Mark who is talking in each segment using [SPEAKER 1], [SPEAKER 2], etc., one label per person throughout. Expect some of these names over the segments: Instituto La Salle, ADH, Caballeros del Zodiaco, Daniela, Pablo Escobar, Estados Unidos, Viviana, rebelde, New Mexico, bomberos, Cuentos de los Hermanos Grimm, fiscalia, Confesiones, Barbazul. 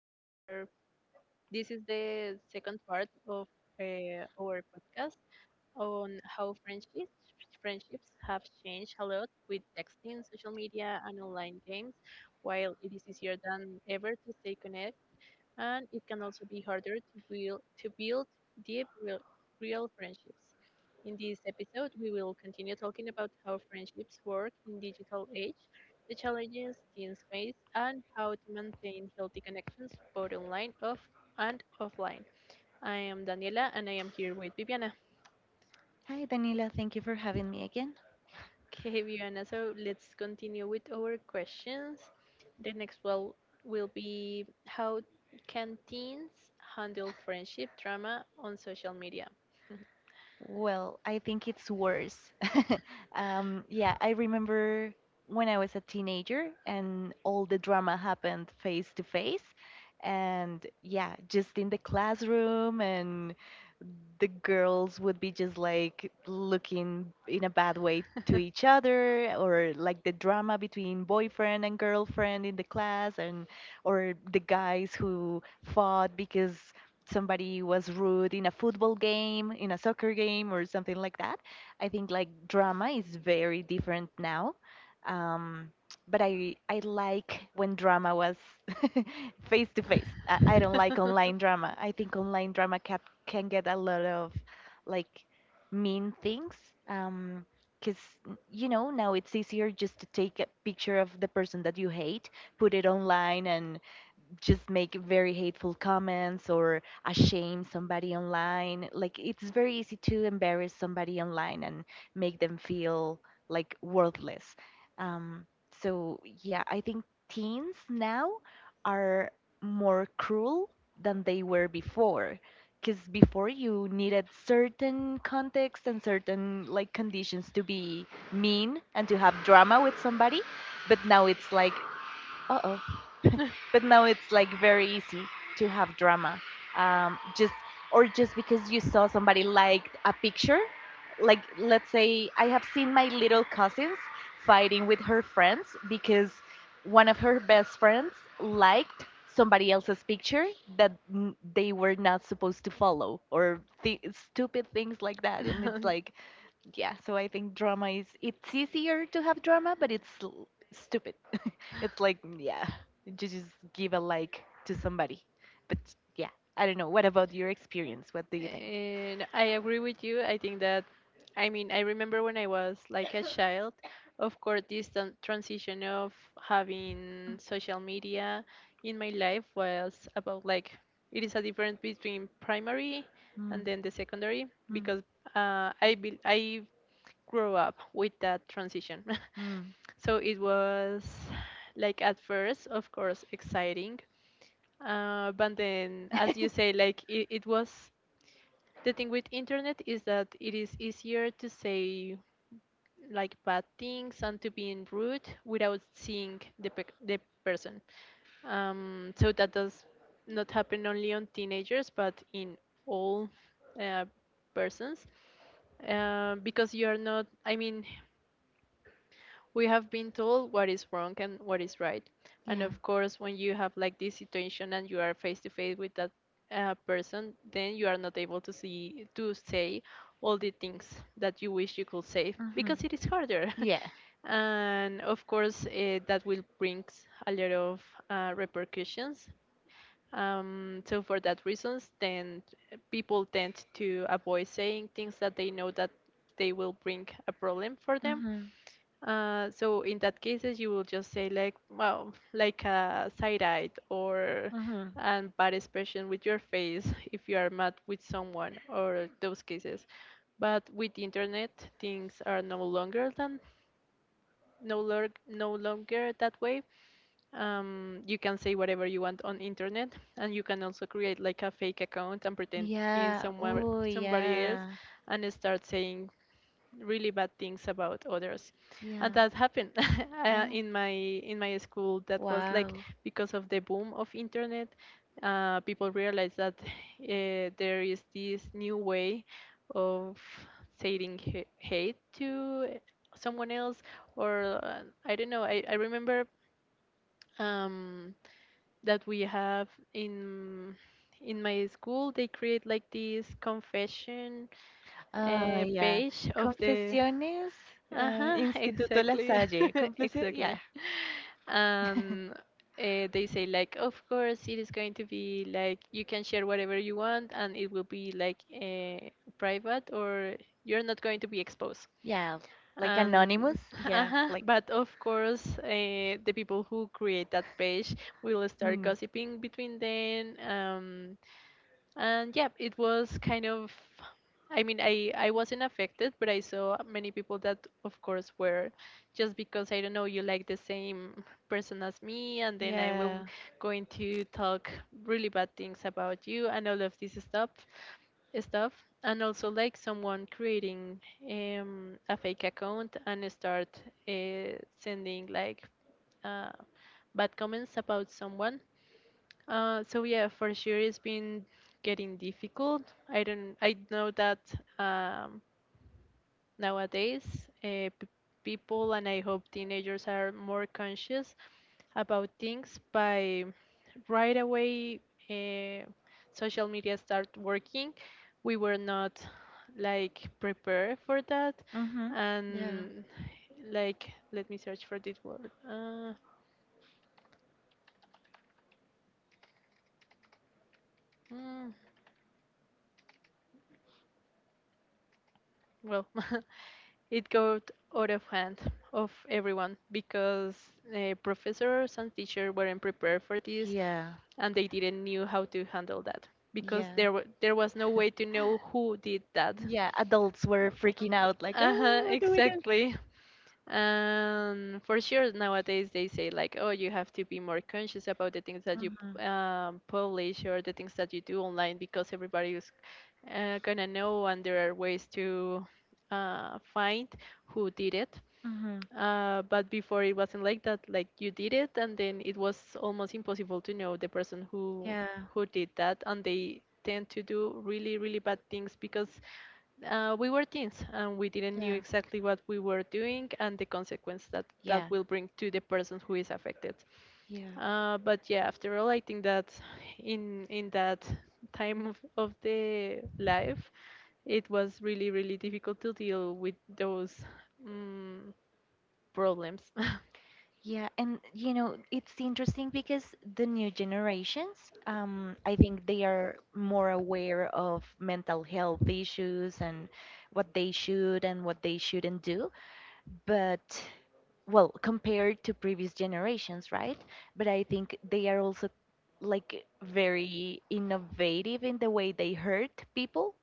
[SPEAKER 1] We were This is the second part of our podcast on how friendships have changed a lot with texting, social media, and online games. While it is easier than ever to stay connected, and it can also be harder to build deep, real friendships. In this episode, we will continue talking about how friendships work in digital age, the challenges teens face, and how to maintain healthy connections both online off and offline. I am Daniela, and I am here with Viviana.
[SPEAKER 2] Hi, Daniela. Thank you for having me again.
[SPEAKER 1] Okay, Viviana, so let's continue with our questions. The next one will be how can teens handle friendship drama on social media?
[SPEAKER 2] Well, I think it's worse. Yeah, I remember when I was a teenager and all the drama happened face to face. And yeah, just in the classroom, and the girls would be just like looking in a bad way to each other, or like the drama between boyfriend and girlfriend in the class, and or the guys who fought because somebody was rude in a football game in a soccer game or something like that. I think like drama is very different now. um, but I like when drama was face to face. I don't like online drama. I think online drama can get a lot of like mean things. Um, because now it's easier just to take a picture of the person that you hate, put it online, and just make very hateful comments, or shame somebody online. Like it's very easy to embarrass somebody online and make them feel like worthless. Um, so yeah, I think teens now are more cruel than they were before. Because before you needed certain context and certain like conditions to be mean and to have drama with somebody, but now it's like, uh oh, but now it's like very easy to have drama, um, just just because you saw somebody liked a picture, like let's say I have seen my little cousins fighting with her friends because one of her best friends liked somebody else's picture that they were not supposed to follow, or stupid things like that. And it's like, yeah, so I think drama is it's easier to have drama, but it's stupid. It's like, yeah, just give a like to somebody. But yeah, I don't know. What about your experience? What do you think?
[SPEAKER 1] And I agree with you. I think that, I mean, I remember when I was like a child, of course, this transition of having social media in my life was about like it is a difference between primary and
[SPEAKER 2] Mm,
[SPEAKER 1] then the secondary
[SPEAKER 2] mm,
[SPEAKER 1] because I grew up with that transition.
[SPEAKER 2] mm.
[SPEAKER 1] So it was like at first, of course, exciting. But then, as you say, like it was the thing with internet is that it is easier to say like bad things and to be rude without seeing the person, so that does not happen only on teenagers but in all uh, persons, because you are not, I mean, we have been told what is wrong and what is right, and
[SPEAKER 2] Yeah.
[SPEAKER 1] of course when you have like this situation and you are face to face with that person, then you are not able to see to say all the things that you wish you could say
[SPEAKER 2] Mhm.
[SPEAKER 1] because it is harder.
[SPEAKER 2] Yeah.
[SPEAKER 1] And of course that will bring a lot of repercussions, so for that reasons then people tend to avoid saying things that they know that they will bring a problem for them,
[SPEAKER 2] Mhm.
[SPEAKER 1] so in that cases, you will just say like, well, like a side eye or
[SPEAKER 2] Mhm.
[SPEAKER 1] an bad expression with your face if you are mad with someone or those cases. But with the internet, things are no longer that way. You can say whatever you want on internet, and you can also create like a fake account and pretend being
[SPEAKER 2] Yeah.
[SPEAKER 1] somewhere
[SPEAKER 2] Oh,
[SPEAKER 1] somebody else
[SPEAKER 2] yeah.
[SPEAKER 1] and start saying really bad things about others,
[SPEAKER 2] Yeah.
[SPEAKER 1] and that happened.
[SPEAKER 2] Yeah.
[SPEAKER 1] In my school, that was like
[SPEAKER 2] Wow.
[SPEAKER 1] because of the boom of internet, people realized that there is this new way of saying hate to someone else. Or I don't know I remember um, that we have in my school they create like this confession
[SPEAKER 2] Ah, yeah.
[SPEAKER 1] page of the—
[SPEAKER 2] Confesiones,
[SPEAKER 1] Uh-huh,
[SPEAKER 2] Instituto La
[SPEAKER 1] exactly.
[SPEAKER 2] Salle. Confession, yeah,
[SPEAKER 1] Exactly. And they say like of course it is going to be like you can share whatever you want and it will be like private or you're not going to be exposed.
[SPEAKER 2] yeah. Like
[SPEAKER 1] And
[SPEAKER 2] Anonymous, yeah,
[SPEAKER 1] uh-huh,
[SPEAKER 2] like.
[SPEAKER 1] but of course the people who create that page will start
[SPEAKER 2] Hmm.
[SPEAKER 1] gossiping between them, and yeah, it was kind of, I mean, I wasn't affected but I saw many people that of course were, just because I don't know, you like the same person as me and then I will
[SPEAKER 2] Yeah.
[SPEAKER 1] going to talk really bad things about you and all of this stuff, and also like someone creating a fake account and start sending like uh, bad comments about someone. So yeah, for sure it's been getting difficult. I don't, I know that um, nowadays uh, p- people, and I hope teenagers, are more conscious about things by right away uh, social media start working. We were not like prepared for that.
[SPEAKER 2] Mm-hmm. Yeah.
[SPEAKER 1] And like let me search for this word. Mm, well, it got out of hand of everyone because professors and teachers weren't prepared for this
[SPEAKER 2] Yeah.
[SPEAKER 1] and they didn't knew how to handle that because
[SPEAKER 2] Yeah.
[SPEAKER 1] there was no way to know who did that.
[SPEAKER 2] Yeah. Adults were freaking out, like,
[SPEAKER 1] Uh-huh,
[SPEAKER 2] oh, what do we do?
[SPEAKER 1] exactly. And for sure nowadays they say like, oh, you have to be more conscious about the things that you
[SPEAKER 2] Mm-hmm.
[SPEAKER 1] publish or the things that you do online because everybody is gonna know, and there are ways to find who did it.
[SPEAKER 2] Mm-hmm.
[SPEAKER 1] But before it wasn't like that. Like you did it, and then it was almost impossible to know the person
[SPEAKER 2] Yeah.
[SPEAKER 1] who did that, and they tend to do really really bad things because we were teens and we didn't
[SPEAKER 2] Yeah.
[SPEAKER 1] knew
[SPEAKER 2] Yeah.
[SPEAKER 1] exactly what we were doing and the consequence that that will bring to the person who is affected.
[SPEAKER 2] Yeah.
[SPEAKER 1] But yeah, after all I think that in that time of the life, it was really really difficult to deal with those um, problems.
[SPEAKER 2] Yeah, and it's interesting because the new generations, I think they are more aware of mental health issues and what they should and what they shouldn't do. But well, compared to previous generations, right? But I think they are also like very innovative in the way they hurt people.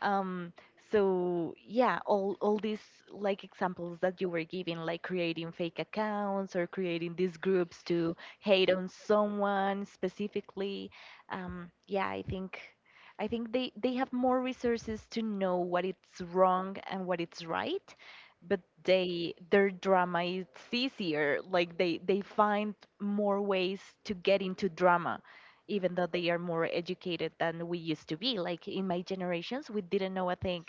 [SPEAKER 2] um so yeah, all these like examples that you were giving, like creating fake accounts or creating these groups to hate on someone specifically. Yeah, I think they have more resources to know what it's wrong and what it's right, but they their drama is easier. Like they find more ways to get into drama even though they are more educated than we used to be. Like in my generations, we didn't know a thing.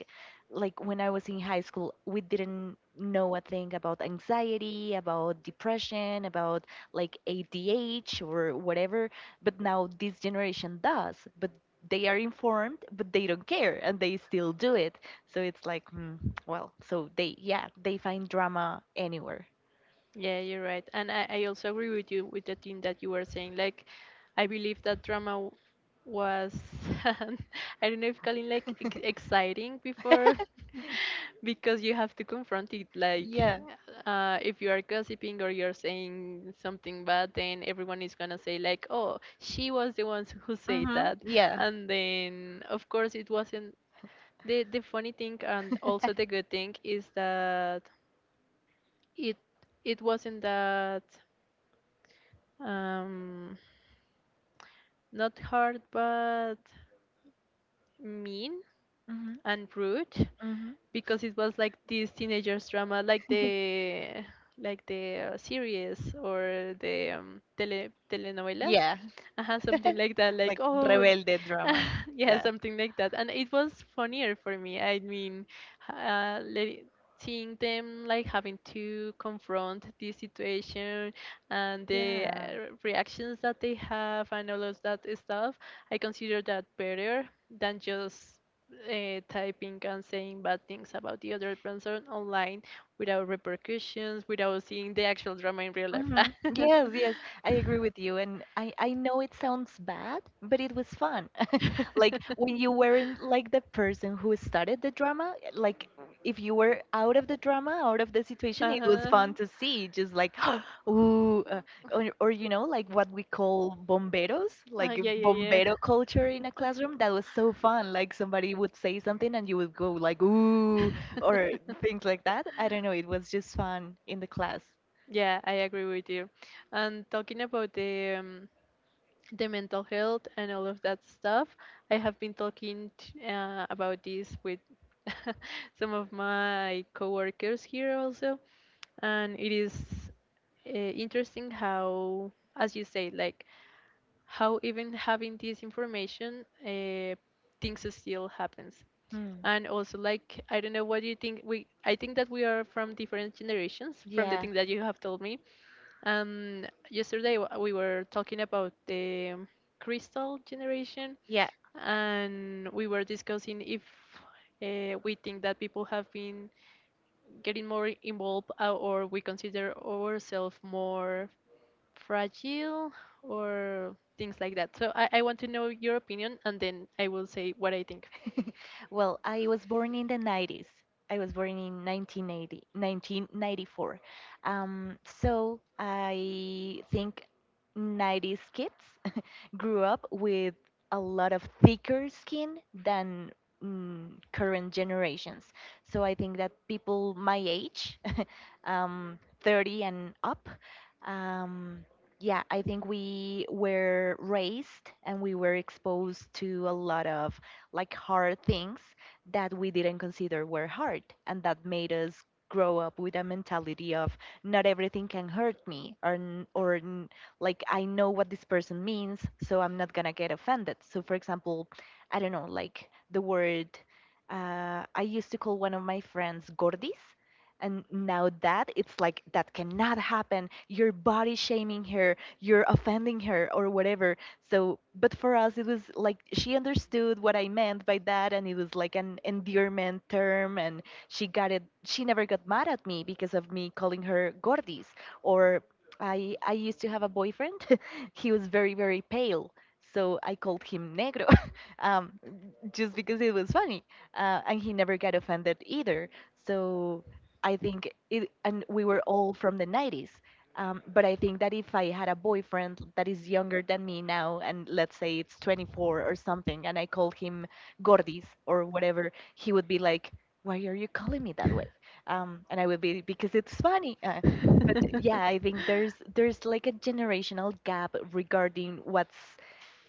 [SPEAKER 2] Like when I was in high school, we didn't know a thing about anxiety, about depression, about like ADH or whatever. But now this generation does. But they are informed, but they don't care and they still do it. So it's like, well, so they, yeah, they find drama anywhere.
[SPEAKER 1] Yeah, you're right. And I also agree with you with the thing that you were saying like I believe that drama was I don't know if calling like exciting before, because you have to confront it like,
[SPEAKER 2] Yeah.
[SPEAKER 1] if you are gossiping or you're saying something bad, then everyone is gonna say like, oh, she was the ones who said
[SPEAKER 2] Mhm.
[SPEAKER 1] that.
[SPEAKER 2] Yeah.
[SPEAKER 1] And then of course it wasn't, the funny thing, and also the good thing, is that it it wasn't that um not hard but mean
[SPEAKER 2] Mhm.
[SPEAKER 1] and rude,
[SPEAKER 2] Mhm.
[SPEAKER 1] because it was like this teenagers drama, like the series or the telenovelas,
[SPEAKER 2] Yeah.
[SPEAKER 1] something like that, like,
[SPEAKER 2] Like
[SPEAKER 1] oh!
[SPEAKER 2] rebelde drama.
[SPEAKER 1] Yeah,
[SPEAKER 2] Yeah.
[SPEAKER 1] something like that. And it was funnier for me, I mean, uh, let- seeing them like having to confront this situation and the
[SPEAKER 2] Yeah.
[SPEAKER 1] reactions that they have and all of that stuff. I consider that better than just typing and saying bad things about the other person online without repercussions, without seeing the actual drama in real life.
[SPEAKER 2] Yes, yes, I agree with you. And I know it sounds bad, but it was fun. Like when you weren't like the person who started the drama, like if you were out of the drama, out of the situation, it was fun
[SPEAKER 1] Uh-huh.
[SPEAKER 2] to see, just like ooh, or, like what we call bomberos,
[SPEAKER 1] Uh,
[SPEAKER 2] like
[SPEAKER 1] yeah, yeah, yeah.
[SPEAKER 2] bombero culture in a classroom. That was so fun. Like somebody would say something and you would go like ooh, or things like that. I don't know, it was just fun in the class.
[SPEAKER 1] Yeah, I agree with you. And talking about the mental health and all of that stuff, I have been about this with some of my coworkers here also, and it is interesting how, as you say, like how even having this information, things still happens.
[SPEAKER 2] Hmm.
[SPEAKER 1] And also, like, I don't know what do you think. We I think that we are from different generations. From the
[SPEAKER 2] Yeah.
[SPEAKER 1] thing that you have told me, yesterday we were talking about the crystal generation,
[SPEAKER 2] Yeah,
[SPEAKER 1] and we were discussing if we think that people have been getting more involved, or we consider ourselves more fragile, or things like that. So I want to know your opinion, and then I will say what I think.
[SPEAKER 2] well, I was born in the 90s. I was born in 1980, 1994. So I think 90s kids grew up with a lot of thicker skin than mm, current generations. So I think that people my age, 30 and up. Um, yeah, I think we were raised and we were exposed to a lot of like hard things that we didn't consider were hard, and that made us grow up with a mentality of not everything can hurt me, or like I know what this person means, so I'm not gonna get offended. So, for example, I don't know, like the word, I used to call one of my friends gordis, and now that it's like that cannot happen. You're body shaming her, you're offending her, or whatever. So, but for us, it was like she understood what I meant by that, and it was like an endearment term, and she got it. She never got mad at me because of me calling her Gordis. Or I used to have a boyfriend. He was very, very pale. So I called him Negro, um, just because it was funny, and he never got offended either. So I think it, and we were all from the 90s. But I think that if I had a boyfriend that is younger than me now, and let's say it's 24 or something, and I called him Gordis or whatever, he would be like, "Why are you calling me that way?" And I would be because it's funny. But yeah, I think there's like a generational gap regarding what's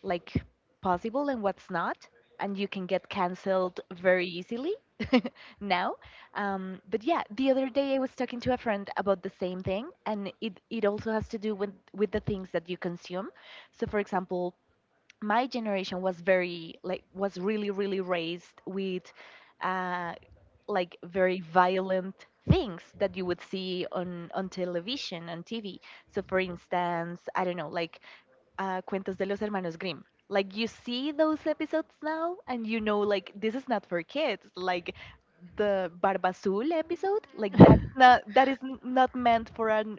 [SPEAKER 2] like possible and what's not, and you can get canceled very easily now. But yeah, the other day I was talking to a friend about the same thing, and it also has to do with the things that you consume. So, for example, my generation was very like, was really really raised with, uh, like very violent things that you would see on television on TV. So for instance, I don't know, like, Cuentos de los Hermanos Grimm. Like you see those episodes now, and you know like this is not for kids. Like the Barbazul episode, like that is not that is n- not meant for an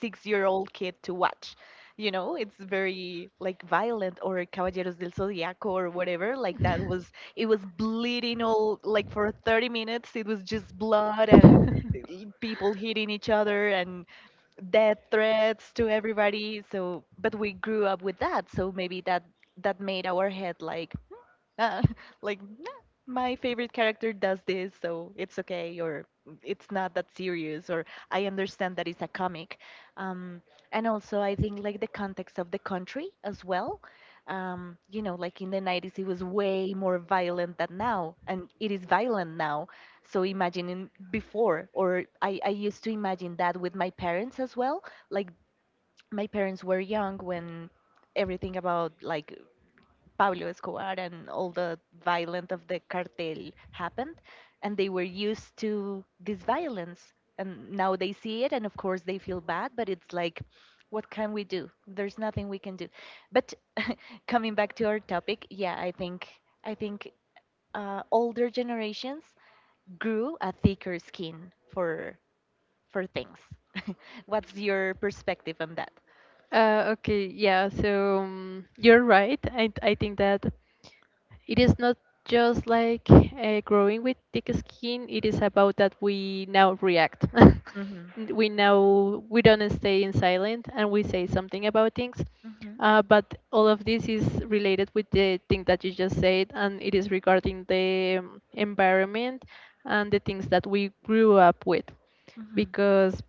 [SPEAKER 2] 6-year-old kid to watch. You know, it's very like violent, or Caballeros del Zodiaco or whatever. Like that was it was bleeding all like for 30 minutes. It was just blood and people hitting each other and death threats to everybody. So, but we grew up with that, so maybe that made our head like, uh, like, "Nah, my favorite character does this, so it's okay," or, "it's not that serious," or, "I understand that it's a comic." um, and also I think like the context of the country as well. Like in the 90s it was way more violent than now, and it is violent now. So imagining before, or I used to imagine that with my parents as well. Like my parents were young when everything about like Pablo Escobar and all the violence of the cartel happened, and they were used to this violence, and now they see it, and of course they feel bad, but it's like, what can we do? There's nothing we can do. But coming back to our topic, yeah, I think, I think older generations grew a thicker skin for things. What's your perspective on that?
[SPEAKER 1] Okay, yeah, so you're right. I think that it is not just like growing with thick skin, it is about that we now react.
[SPEAKER 2] Mhm,
[SPEAKER 1] We now, we don't stay in silent and we say something about things.
[SPEAKER 2] mhm,
[SPEAKER 1] But all of this is related with the thing that you just said, and it is regarding the environment and the things that we grew up with,
[SPEAKER 2] mhm,
[SPEAKER 1] because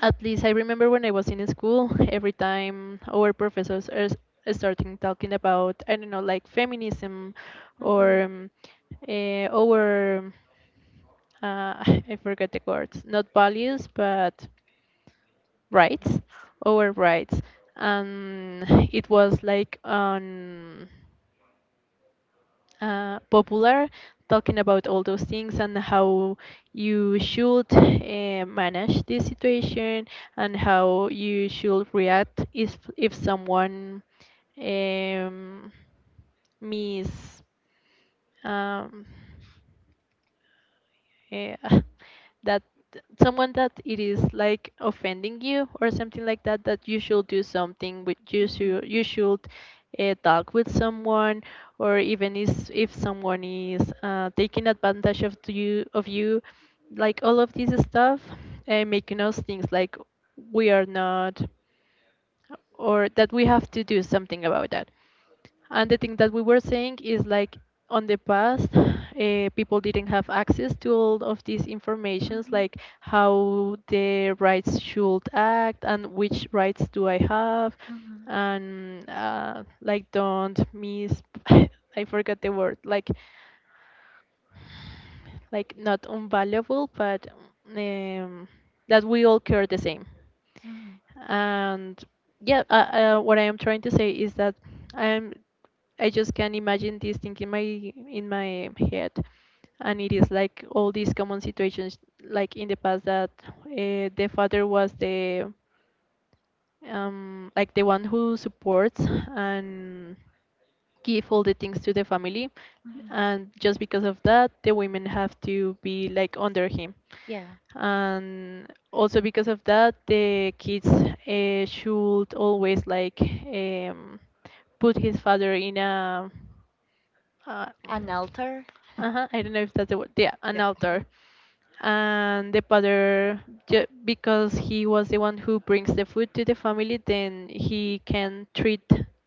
[SPEAKER 1] at least I remember when I was in school, every time our professors are starting talking about, I don't know, like feminism or
[SPEAKER 2] mhm.
[SPEAKER 1] uh, our, uh, I forget the words, not values, but rights,
[SPEAKER 2] It's-
[SPEAKER 1] our rights. And it was like on popular talking about all those things and how you should manage this situation and how you should react if someone um, miss um, eh, that someone that it is like offending you or something like that, that you should do something with
[SPEAKER 2] mhm,
[SPEAKER 1] you should talk with someone, or even is if someone is taking advantage of you, like all of this stuff, and making us things like we are not, or that we have to do something about that. And the thing that we were saying is like, on the past, people didn't have access to all of these informations, like how the rights should act and which rights do I have, and like don't miss. I forgot the word. Like not unvaluable, but um, that we all care the same.
[SPEAKER 2] mhm,
[SPEAKER 1] And yeah what I am trying to say is that I am I just can imagine this thing in my head, and it is like all these common situations like in the past that the father was the like the one who supports and give all the things to the family,
[SPEAKER 2] mhm.
[SPEAKER 1] and just because of that the women have to be like under him,
[SPEAKER 2] Yeah.
[SPEAKER 1] and also because of that the kids should always like um, put his father in a uh,
[SPEAKER 2] An altar?
[SPEAKER 1] uh-huh, I don't know if that's the word, yeah, an altar. And the father, because he was the one who brings the food to the family, then he can treat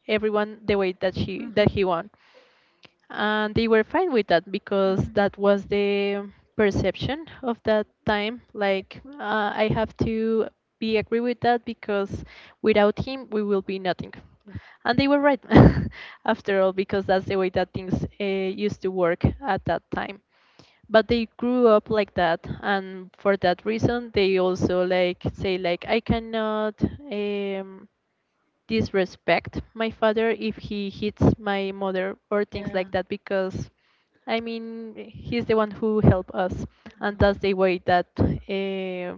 [SPEAKER 1] everyone the way that she
[SPEAKER 2] Hmm,
[SPEAKER 1] that
[SPEAKER 2] hmm.
[SPEAKER 1] he wants. And they were fine with that because that was the perception of that time. Like, I have to be agree with that because without him we will be nothing. And they were right after all, because that's the way that things used to work at that time. But they grew up like that, and for that reason they also like say like I cannot um, disrespect my father if he hits my mother or
[SPEAKER 2] Yeah. Yeah.
[SPEAKER 1] things
[SPEAKER 2] Yeah.
[SPEAKER 1] like that, because I mean, he's the one who helped us, and that's the way that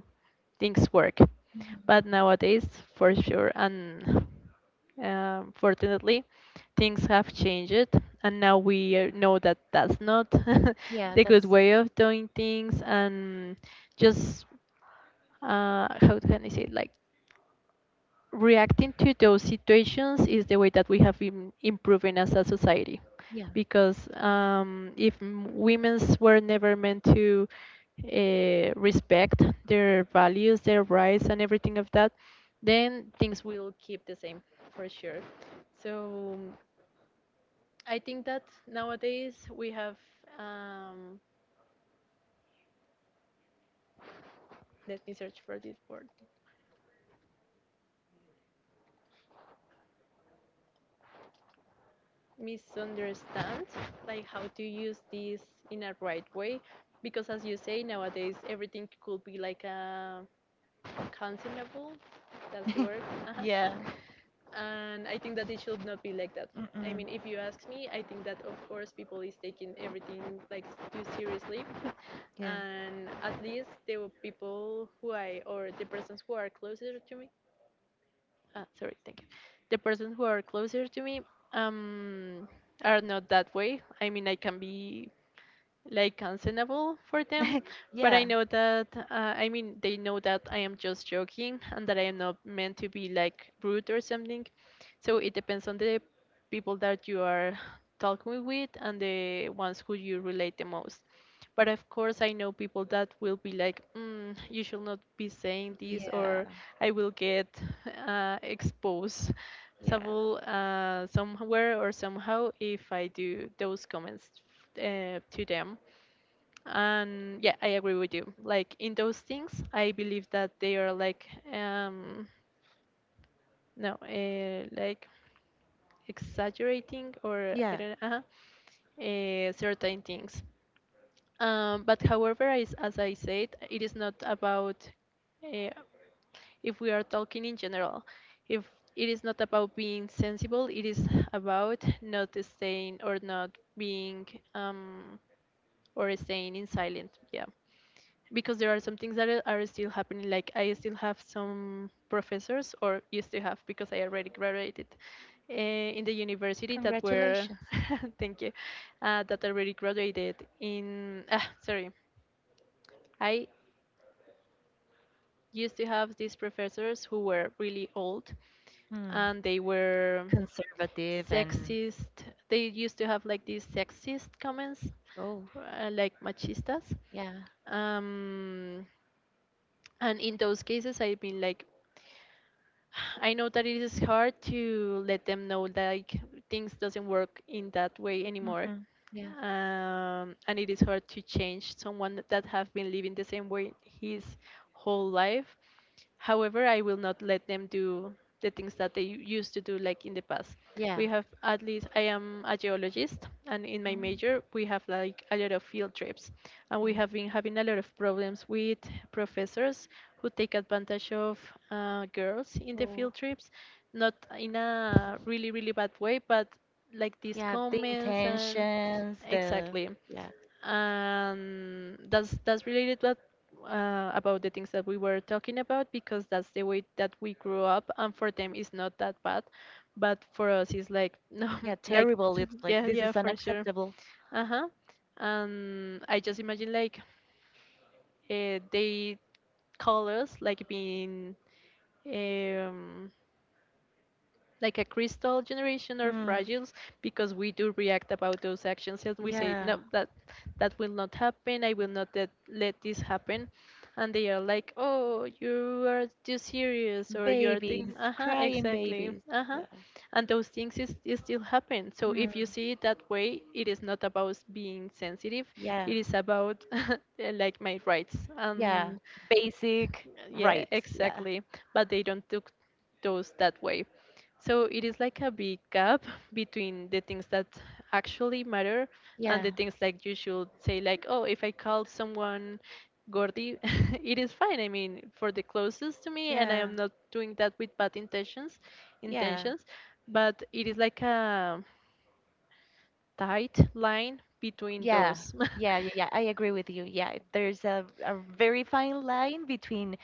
[SPEAKER 1] things work.
[SPEAKER 2] Mhm, mhm.
[SPEAKER 1] But nowadays, for sure, and fortunately, things have changed, and now we know that that's not
[SPEAKER 2] Yeah,
[SPEAKER 1] the
[SPEAKER 2] that,
[SPEAKER 1] good way of doing things. And just how can I say it? Like, reacting to those situations is the way that we have been improving as a society,
[SPEAKER 2] yeah.
[SPEAKER 1] because if women's were never meant to respect their values, their rights, and everything of that, then things will keep the same, for sure. So I think that nowadays we have um, let me search for this word, misunderstand like how to use this in a right way, because as you say, nowadays everything could be like a consumable. That's the word. uh
[SPEAKER 2] Yeah.
[SPEAKER 1] and I think that it should not be like that. I mean, if you ask me, I think that of course people is taking everything like too seriously.
[SPEAKER 2] Mm-mm. Yeah.
[SPEAKER 1] And at least the people who I, or the persons who are closer to me, sorry, thank you. The persons who are closer to me um, are not that way. I mean, I can be like untenable for them. But I
[SPEAKER 2] yeah.
[SPEAKER 1] know that I mean, they know that I am just joking and that I am not meant to be like rude or something. So it depends on the people that you are talking with and the ones who you relate the most. But of course, I know people that will be like, mm, "You should not be saying this,"
[SPEAKER 2] Yeah.
[SPEAKER 1] or "I will get exposed." Some
[SPEAKER 2] Yeah.
[SPEAKER 1] somewhere or somehow if I do those comments to them. And yeah, I agree with you, like in those things I believe that they are like um no like exaggerating or I
[SPEAKER 2] Yeah.
[SPEAKER 1] don't know uh, certain things. But however, as I said, it is not about uh, if we are talking in general, if it is not about being sensible, it is about not staying or not being um or staying in silent. Yeah. Because there are some things that are still happening. Like, I still have some professors, or used to have, because I already graduated uh, in the university, that were
[SPEAKER 2] Congratulations.
[SPEAKER 1] thank you. That already graduated in, ah, sorry, I used to have these professors who were really old,
[SPEAKER 2] Hmm.
[SPEAKER 1] and they were
[SPEAKER 2] Conservative and.
[SPEAKER 1] sexist. They used to have like these sexist comments,
[SPEAKER 2] Oh.
[SPEAKER 1] like machistas.
[SPEAKER 2] Yeah.
[SPEAKER 1] um and in those cases, I've been like I know that it is hard to let them know like things doesn't work in that way anymore.
[SPEAKER 2] Hmm. Yeah.
[SPEAKER 1] And it is hard to change someone that have been living the same way his whole life. However, I will not let them do the things that they used to do like in the past.
[SPEAKER 2] Yeah.
[SPEAKER 1] We have, at least I am a geologist, and in my
[SPEAKER 2] Mm.
[SPEAKER 1] major we have like a lot of field trips, and we have been having a lot of problems with professors who take advantage of girls in the field
[SPEAKER 2] Oh.
[SPEAKER 1] trips. Not in a really really bad way, but like these
[SPEAKER 2] Yeah, the
[SPEAKER 1] comments and
[SPEAKER 2] intentions, the.
[SPEAKER 1] exactly.
[SPEAKER 2] Yeah,
[SPEAKER 1] And that's related what about the things that we were talking about, because that's the way that we grew up, and for them it's not that bad, but for us it's like no.
[SPEAKER 2] yeah,
[SPEAKER 1] Like
[SPEAKER 2] terrible. It's like
[SPEAKER 1] yeah,
[SPEAKER 2] this
[SPEAKER 1] yeah,
[SPEAKER 2] is
[SPEAKER 1] for sure.
[SPEAKER 2] unacceptable.
[SPEAKER 1] Uh-huh. And I just imagine like they call us like being um like a crystal generation or
[SPEAKER 2] Mm,
[SPEAKER 1] fragiles, because we do react about those actions and we say
[SPEAKER 2] yeah,
[SPEAKER 1] no, that that will not happen. I will not let this happen. And they are like, oh, you are too serious or you are
[SPEAKER 2] babies,
[SPEAKER 1] thinking. Uh-huh,
[SPEAKER 2] crying
[SPEAKER 1] exactly.
[SPEAKER 2] babies.
[SPEAKER 1] Uh-huh.
[SPEAKER 2] Yeah.
[SPEAKER 1] And those things is still happen. So
[SPEAKER 2] Mm,
[SPEAKER 1] if you see it that way, it is not about being sensitive,
[SPEAKER 2] yeah,
[SPEAKER 1] it is about like my rights.
[SPEAKER 2] yeah,
[SPEAKER 1] And
[SPEAKER 2] basic
[SPEAKER 1] yeah,
[SPEAKER 2] rights. Yeah,
[SPEAKER 1] exactly. But they don't took those that way. So it is like a big gap between the things that actually matter and
[SPEAKER 2] yeah,
[SPEAKER 1] the things like you should say like, oh, if I call someone Gordy, it is fine. I mean, for the closest to me, and I
[SPEAKER 2] yeah,
[SPEAKER 1] am not doing that with bad intentions,
[SPEAKER 2] yeah.
[SPEAKER 1] intentions, but it is like a tight line between
[SPEAKER 2] Yeah,
[SPEAKER 1] those.
[SPEAKER 2] yeah, yeah, yeah. I agree with you. Yeah, there's a very fine line between.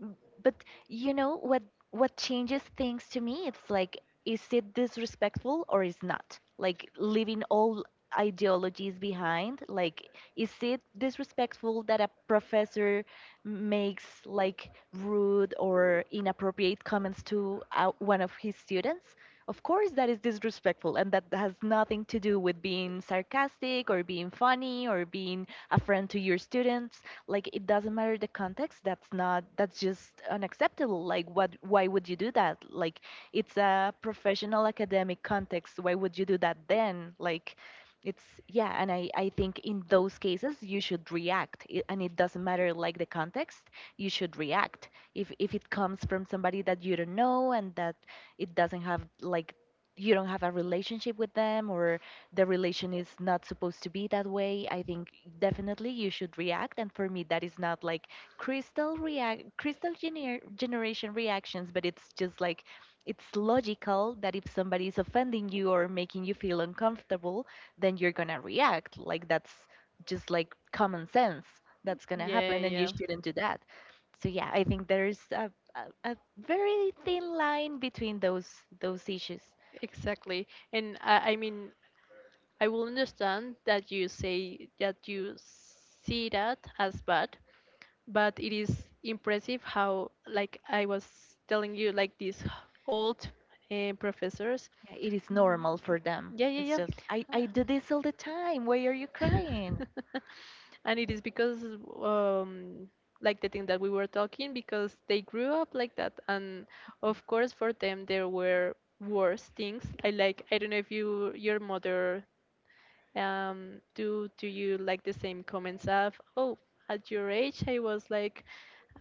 [SPEAKER 2] M- But you know what changes things to me? It's like, is it disrespectful or is not? Like, leaving all ideologies behind. Like, is it disrespectful that a professor makes like rude or inappropriate comments to, one of his students? Of course, that is disrespectful, and that has nothing to do with being sarcastic or being funny or being a friend to your students. Like it doesn't matter the context. That's not, that's just unacceptable. Like, what, why would you do that? Like, it's a professional academic context, why would you do that then? Like, it's yeah. And I think in those cases you should react, and it doesn't matter like the context. You should react if it comes from somebody that you don't know, and that it doesn't have like, you don't have a relationship with them, or the relation is not supposed to be that way. I think definitely you should react. And for me, that is not like crystal react, crystal generation reactions, but it's just like, it's logical that if somebody is offending you or making you feel uncomfortable, then you're gonna react. Like, that's just like common sense, that's gonna
[SPEAKER 1] Yeah,
[SPEAKER 2] happen, and you
[SPEAKER 1] yeah.
[SPEAKER 2] shouldn't do that. So yeah, I think there's a very thin line between those issues.
[SPEAKER 1] Exactly. And I mean, I will understand that you say that you see that as bad, but it is impressive how, like I was telling you, like these old professors.
[SPEAKER 2] Yeah, it is normal for them.
[SPEAKER 1] Yeah, yeah,
[SPEAKER 2] It's
[SPEAKER 1] yeah.
[SPEAKER 2] just I do this all the time. Why are you crying?
[SPEAKER 1] And it is because, um, like the thing that we were talking, because they grew up like that. And of course, for them, there were worse things. I like, I don't know if you, your mother. Do you like the same comments of, oh, at your age I was like,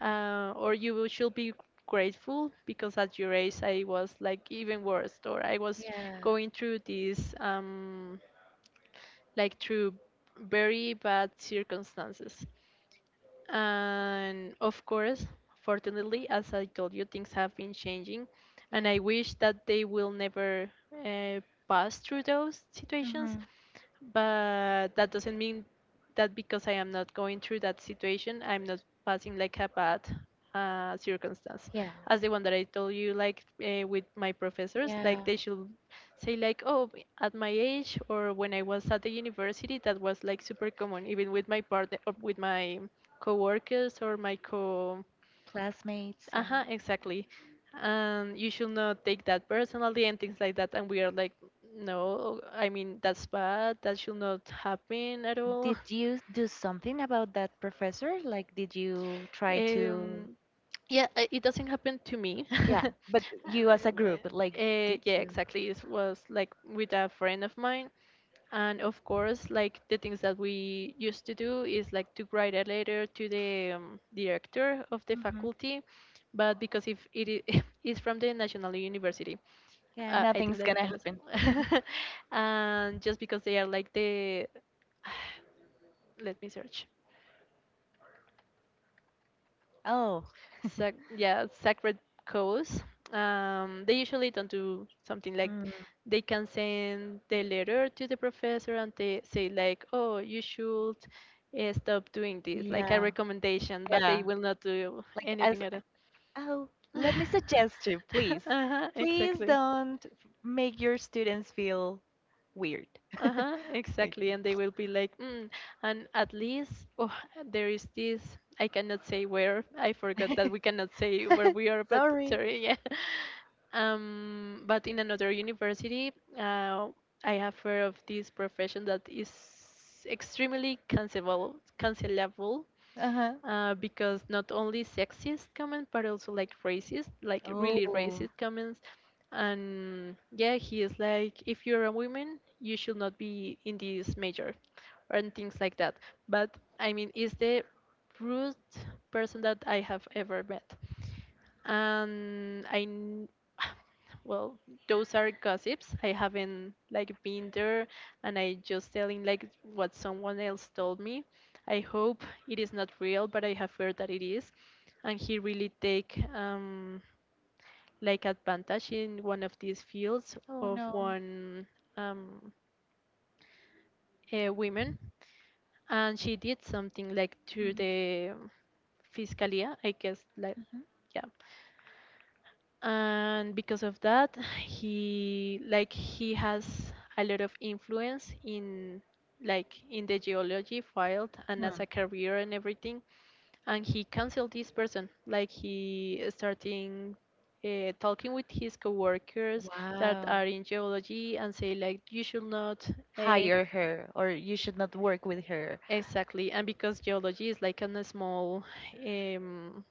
[SPEAKER 1] or you should be grateful because at your age I was like even worse, or I was
[SPEAKER 2] Yeah.
[SPEAKER 1] going through these like through very bad circumstances. And of course, fortunately, as I told you, things have been changing, and
[SPEAKER 2] Yeah.
[SPEAKER 1] I wish that they will never uh, pass through those situations,
[SPEAKER 2] Hmm.
[SPEAKER 1] but that doesn't mean that because I am not going through that situation, I'm not passing like a bad circumstance,
[SPEAKER 2] Yeah.
[SPEAKER 1] as the one that I told you, like with my professors, like
[SPEAKER 2] Yeah.
[SPEAKER 1] they should say like, oh, at my age or when I was at the university, that was like super common, even with my partner, or with my coworkers or my co.
[SPEAKER 2] Classmates, yeah.
[SPEAKER 1] Uh-huh, exactly. And you should not take that personally and things like that, and we are like no, I mean, that's bad, that should not happen at all.
[SPEAKER 2] Did you do something about that professor? Like, did you try to?
[SPEAKER 1] um yeah, it doesn't happen to me.
[SPEAKER 2] Yeah, but you as a group, like, to.
[SPEAKER 1] Yeah, exactly. It was like with a friend of mine, and of course, like the things that we used to do is like to write a letter to the director of the
[SPEAKER 2] Hmm.
[SPEAKER 1] faculty, but because if it is it's from the national university,
[SPEAKER 2] Yeah,
[SPEAKER 1] uh, I think
[SPEAKER 2] nothing's
[SPEAKER 1] that we
[SPEAKER 2] gonna
[SPEAKER 1] can assume.
[SPEAKER 2] happen.
[SPEAKER 1] And just because they are like the, let me search.
[SPEAKER 2] Oh.
[SPEAKER 1] Sac- yeah, sacred cows. They usually don't do something like
[SPEAKER 2] Mm,
[SPEAKER 1] they can send the letter to the professor and they say like, oh, you should stop doing this, like a
[SPEAKER 2] yeah.
[SPEAKER 1] recommendation, but they
[SPEAKER 2] Yeah.
[SPEAKER 1] will not do
[SPEAKER 2] Like as,
[SPEAKER 1] anything at
[SPEAKER 2] oh,
[SPEAKER 1] all.
[SPEAKER 2] let me suggest you, please.
[SPEAKER 1] Uh-huh,
[SPEAKER 2] Please
[SPEAKER 1] exactly.
[SPEAKER 2] don't make your students feel weird.
[SPEAKER 1] Uh-huh,
[SPEAKER 2] Thank
[SPEAKER 1] exactly.
[SPEAKER 2] you.
[SPEAKER 1] And they will be like, mm, and at least, oh, there is this. I cannot say where. I forgot that we cannot say where we are, but
[SPEAKER 2] Sorry.
[SPEAKER 1] sorry, yeah. But in another university, uh, I have heard of this profession that is extremely cancelable
[SPEAKER 2] Uh-huh.
[SPEAKER 1] because not only sexist comments but also like racist, like really
[SPEAKER 2] Oh.
[SPEAKER 1] racist comments. And yeah, he is like, if you're a woman, you should not be in this major, and things like that. But I mean, is the rude person that I have ever met, and well, those are gossips, I haven't like been there, and I just telling like what someone else told me. I hope it is not real, but I have heard that it is. And he really take like advantage in one of these fields of one um a woman, and she did something like to
[SPEAKER 2] Mm.
[SPEAKER 1] the fiscalia, I guess, like,
[SPEAKER 2] Mhm.
[SPEAKER 1] yeah. And because of that, he has a lot of influence in like in the geology field and
[SPEAKER 2] Hmm.
[SPEAKER 1] as a career and everything, and he canceled this person, like he starting talking with his coworkers that
[SPEAKER 2] Wow.
[SPEAKER 1] are in geology and say like you should not uh,
[SPEAKER 2] Hire her, or you should not work with her.
[SPEAKER 1] exactly. And because geology is like a small, um,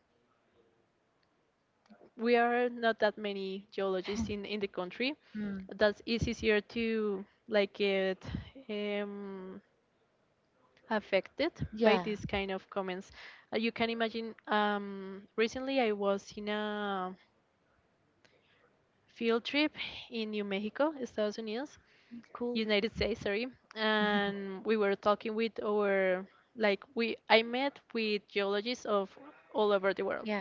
[SPEAKER 1] we are not that many geologists in the country.
[SPEAKER 2] Hmm.
[SPEAKER 1] That is easier to like get um, affected by
[SPEAKER 2] Yeah.
[SPEAKER 1] these kind of comments. You can imagine. Recently, I was in a field trip in New Mexico, Estados Unidos,
[SPEAKER 2] Cool.
[SPEAKER 1] United States, sorry, and we were talking with our like we I met with geologists of all over the world,
[SPEAKER 2] Yeah.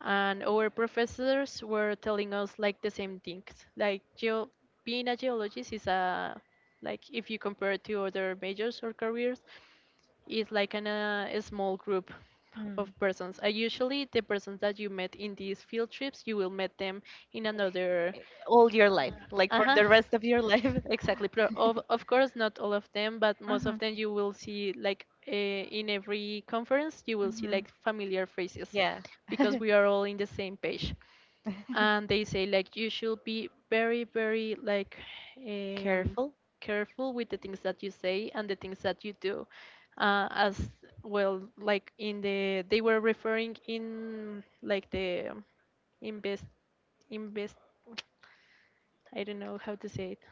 [SPEAKER 1] and our professors were telling us like the same things. Like being a geologist is a like if you compare it to other majors or careers, is like an, a small group
[SPEAKER 2] Mm.
[SPEAKER 1] of persons. Usually the persons that you met in these field trips, you will meet them in another
[SPEAKER 2] All your
[SPEAKER 1] uh,
[SPEAKER 2] life, like for
[SPEAKER 1] uh-huh,
[SPEAKER 2] the rest of your life.
[SPEAKER 1] exactly. Of course, not all of them, but most of
[SPEAKER 2] Mhm.
[SPEAKER 1] them you will see like in every conference, you will see
[SPEAKER 2] Mhm.
[SPEAKER 1] like familiar phrases,
[SPEAKER 2] Yeah.
[SPEAKER 1] because we are all in the same page. And they say like you should be very, very like um,
[SPEAKER 2] Careful,
[SPEAKER 1] careful with the things that you say and the things that you do. As well, like in the, they were referring in like the invest invest. I don't know how to say it.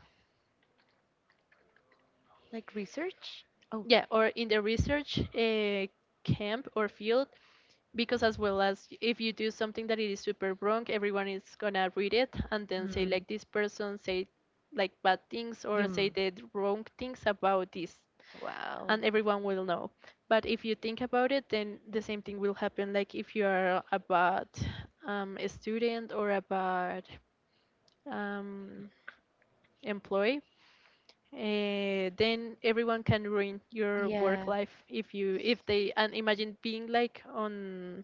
[SPEAKER 2] like research. Oh.
[SPEAKER 1] Yeah, or in the research camp or field, because as well, as if you do something that it is super wrong, everyone is gonna read it and then say
[SPEAKER 2] Mm.
[SPEAKER 1] like this person say like bad things or say
[SPEAKER 2] Yum.
[SPEAKER 1] the wrong things about this.
[SPEAKER 2] Wow.
[SPEAKER 1] And everyone will know. But if you think about it, then the same thing will happen. Like if you are a bad a student, or a bad um, employee, then everyone can ruin your work
[SPEAKER 2] Yeah.
[SPEAKER 1] life if you if they, and imagine being like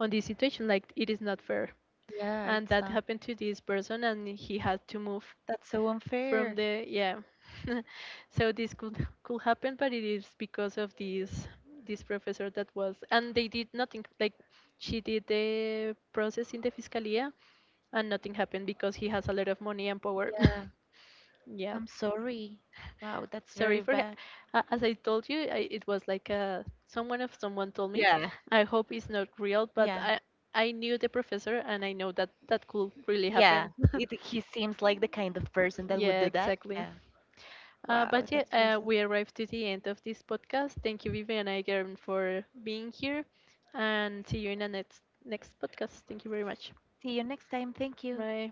[SPEAKER 1] on this situation, like it is not fair.
[SPEAKER 2] Yeah,
[SPEAKER 1] And
[SPEAKER 2] it's
[SPEAKER 1] that
[SPEAKER 2] not.
[SPEAKER 1] happened to this person, and he had to move
[SPEAKER 2] That's so
[SPEAKER 1] from
[SPEAKER 2] unfair.
[SPEAKER 1] the, yeah. So this could happen, but it is because of this this professor that was, and they did nothing. Like, she did the process in the fiscalia, and nothing happened because he has a lot of money and power.
[SPEAKER 2] Yeah.
[SPEAKER 1] Yeah,
[SPEAKER 2] I'm sorry. Wow, that's
[SPEAKER 1] sorry
[SPEAKER 2] very
[SPEAKER 1] for
[SPEAKER 2] bad.
[SPEAKER 1] as I told you, I, it was like uh, someone of someone told me. I hope it's not real, but
[SPEAKER 2] Yeah.
[SPEAKER 1] I knew the professor and I know that that could really
[SPEAKER 2] Yeah.
[SPEAKER 1] happen.
[SPEAKER 2] He seems like the kind of person that would
[SPEAKER 1] Yeah,
[SPEAKER 2] do that.
[SPEAKER 1] exactly.
[SPEAKER 2] Yeah. Wow,
[SPEAKER 1] But yeah,
[SPEAKER 2] that's awesome.
[SPEAKER 1] we arrived to the end of this podcast. Thank you, Vivi, and again for being here, and see you in the next next podcast. Thank you very much.
[SPEAKER 2] See you next time. Thank you.
[SPEAKER 1] Bye.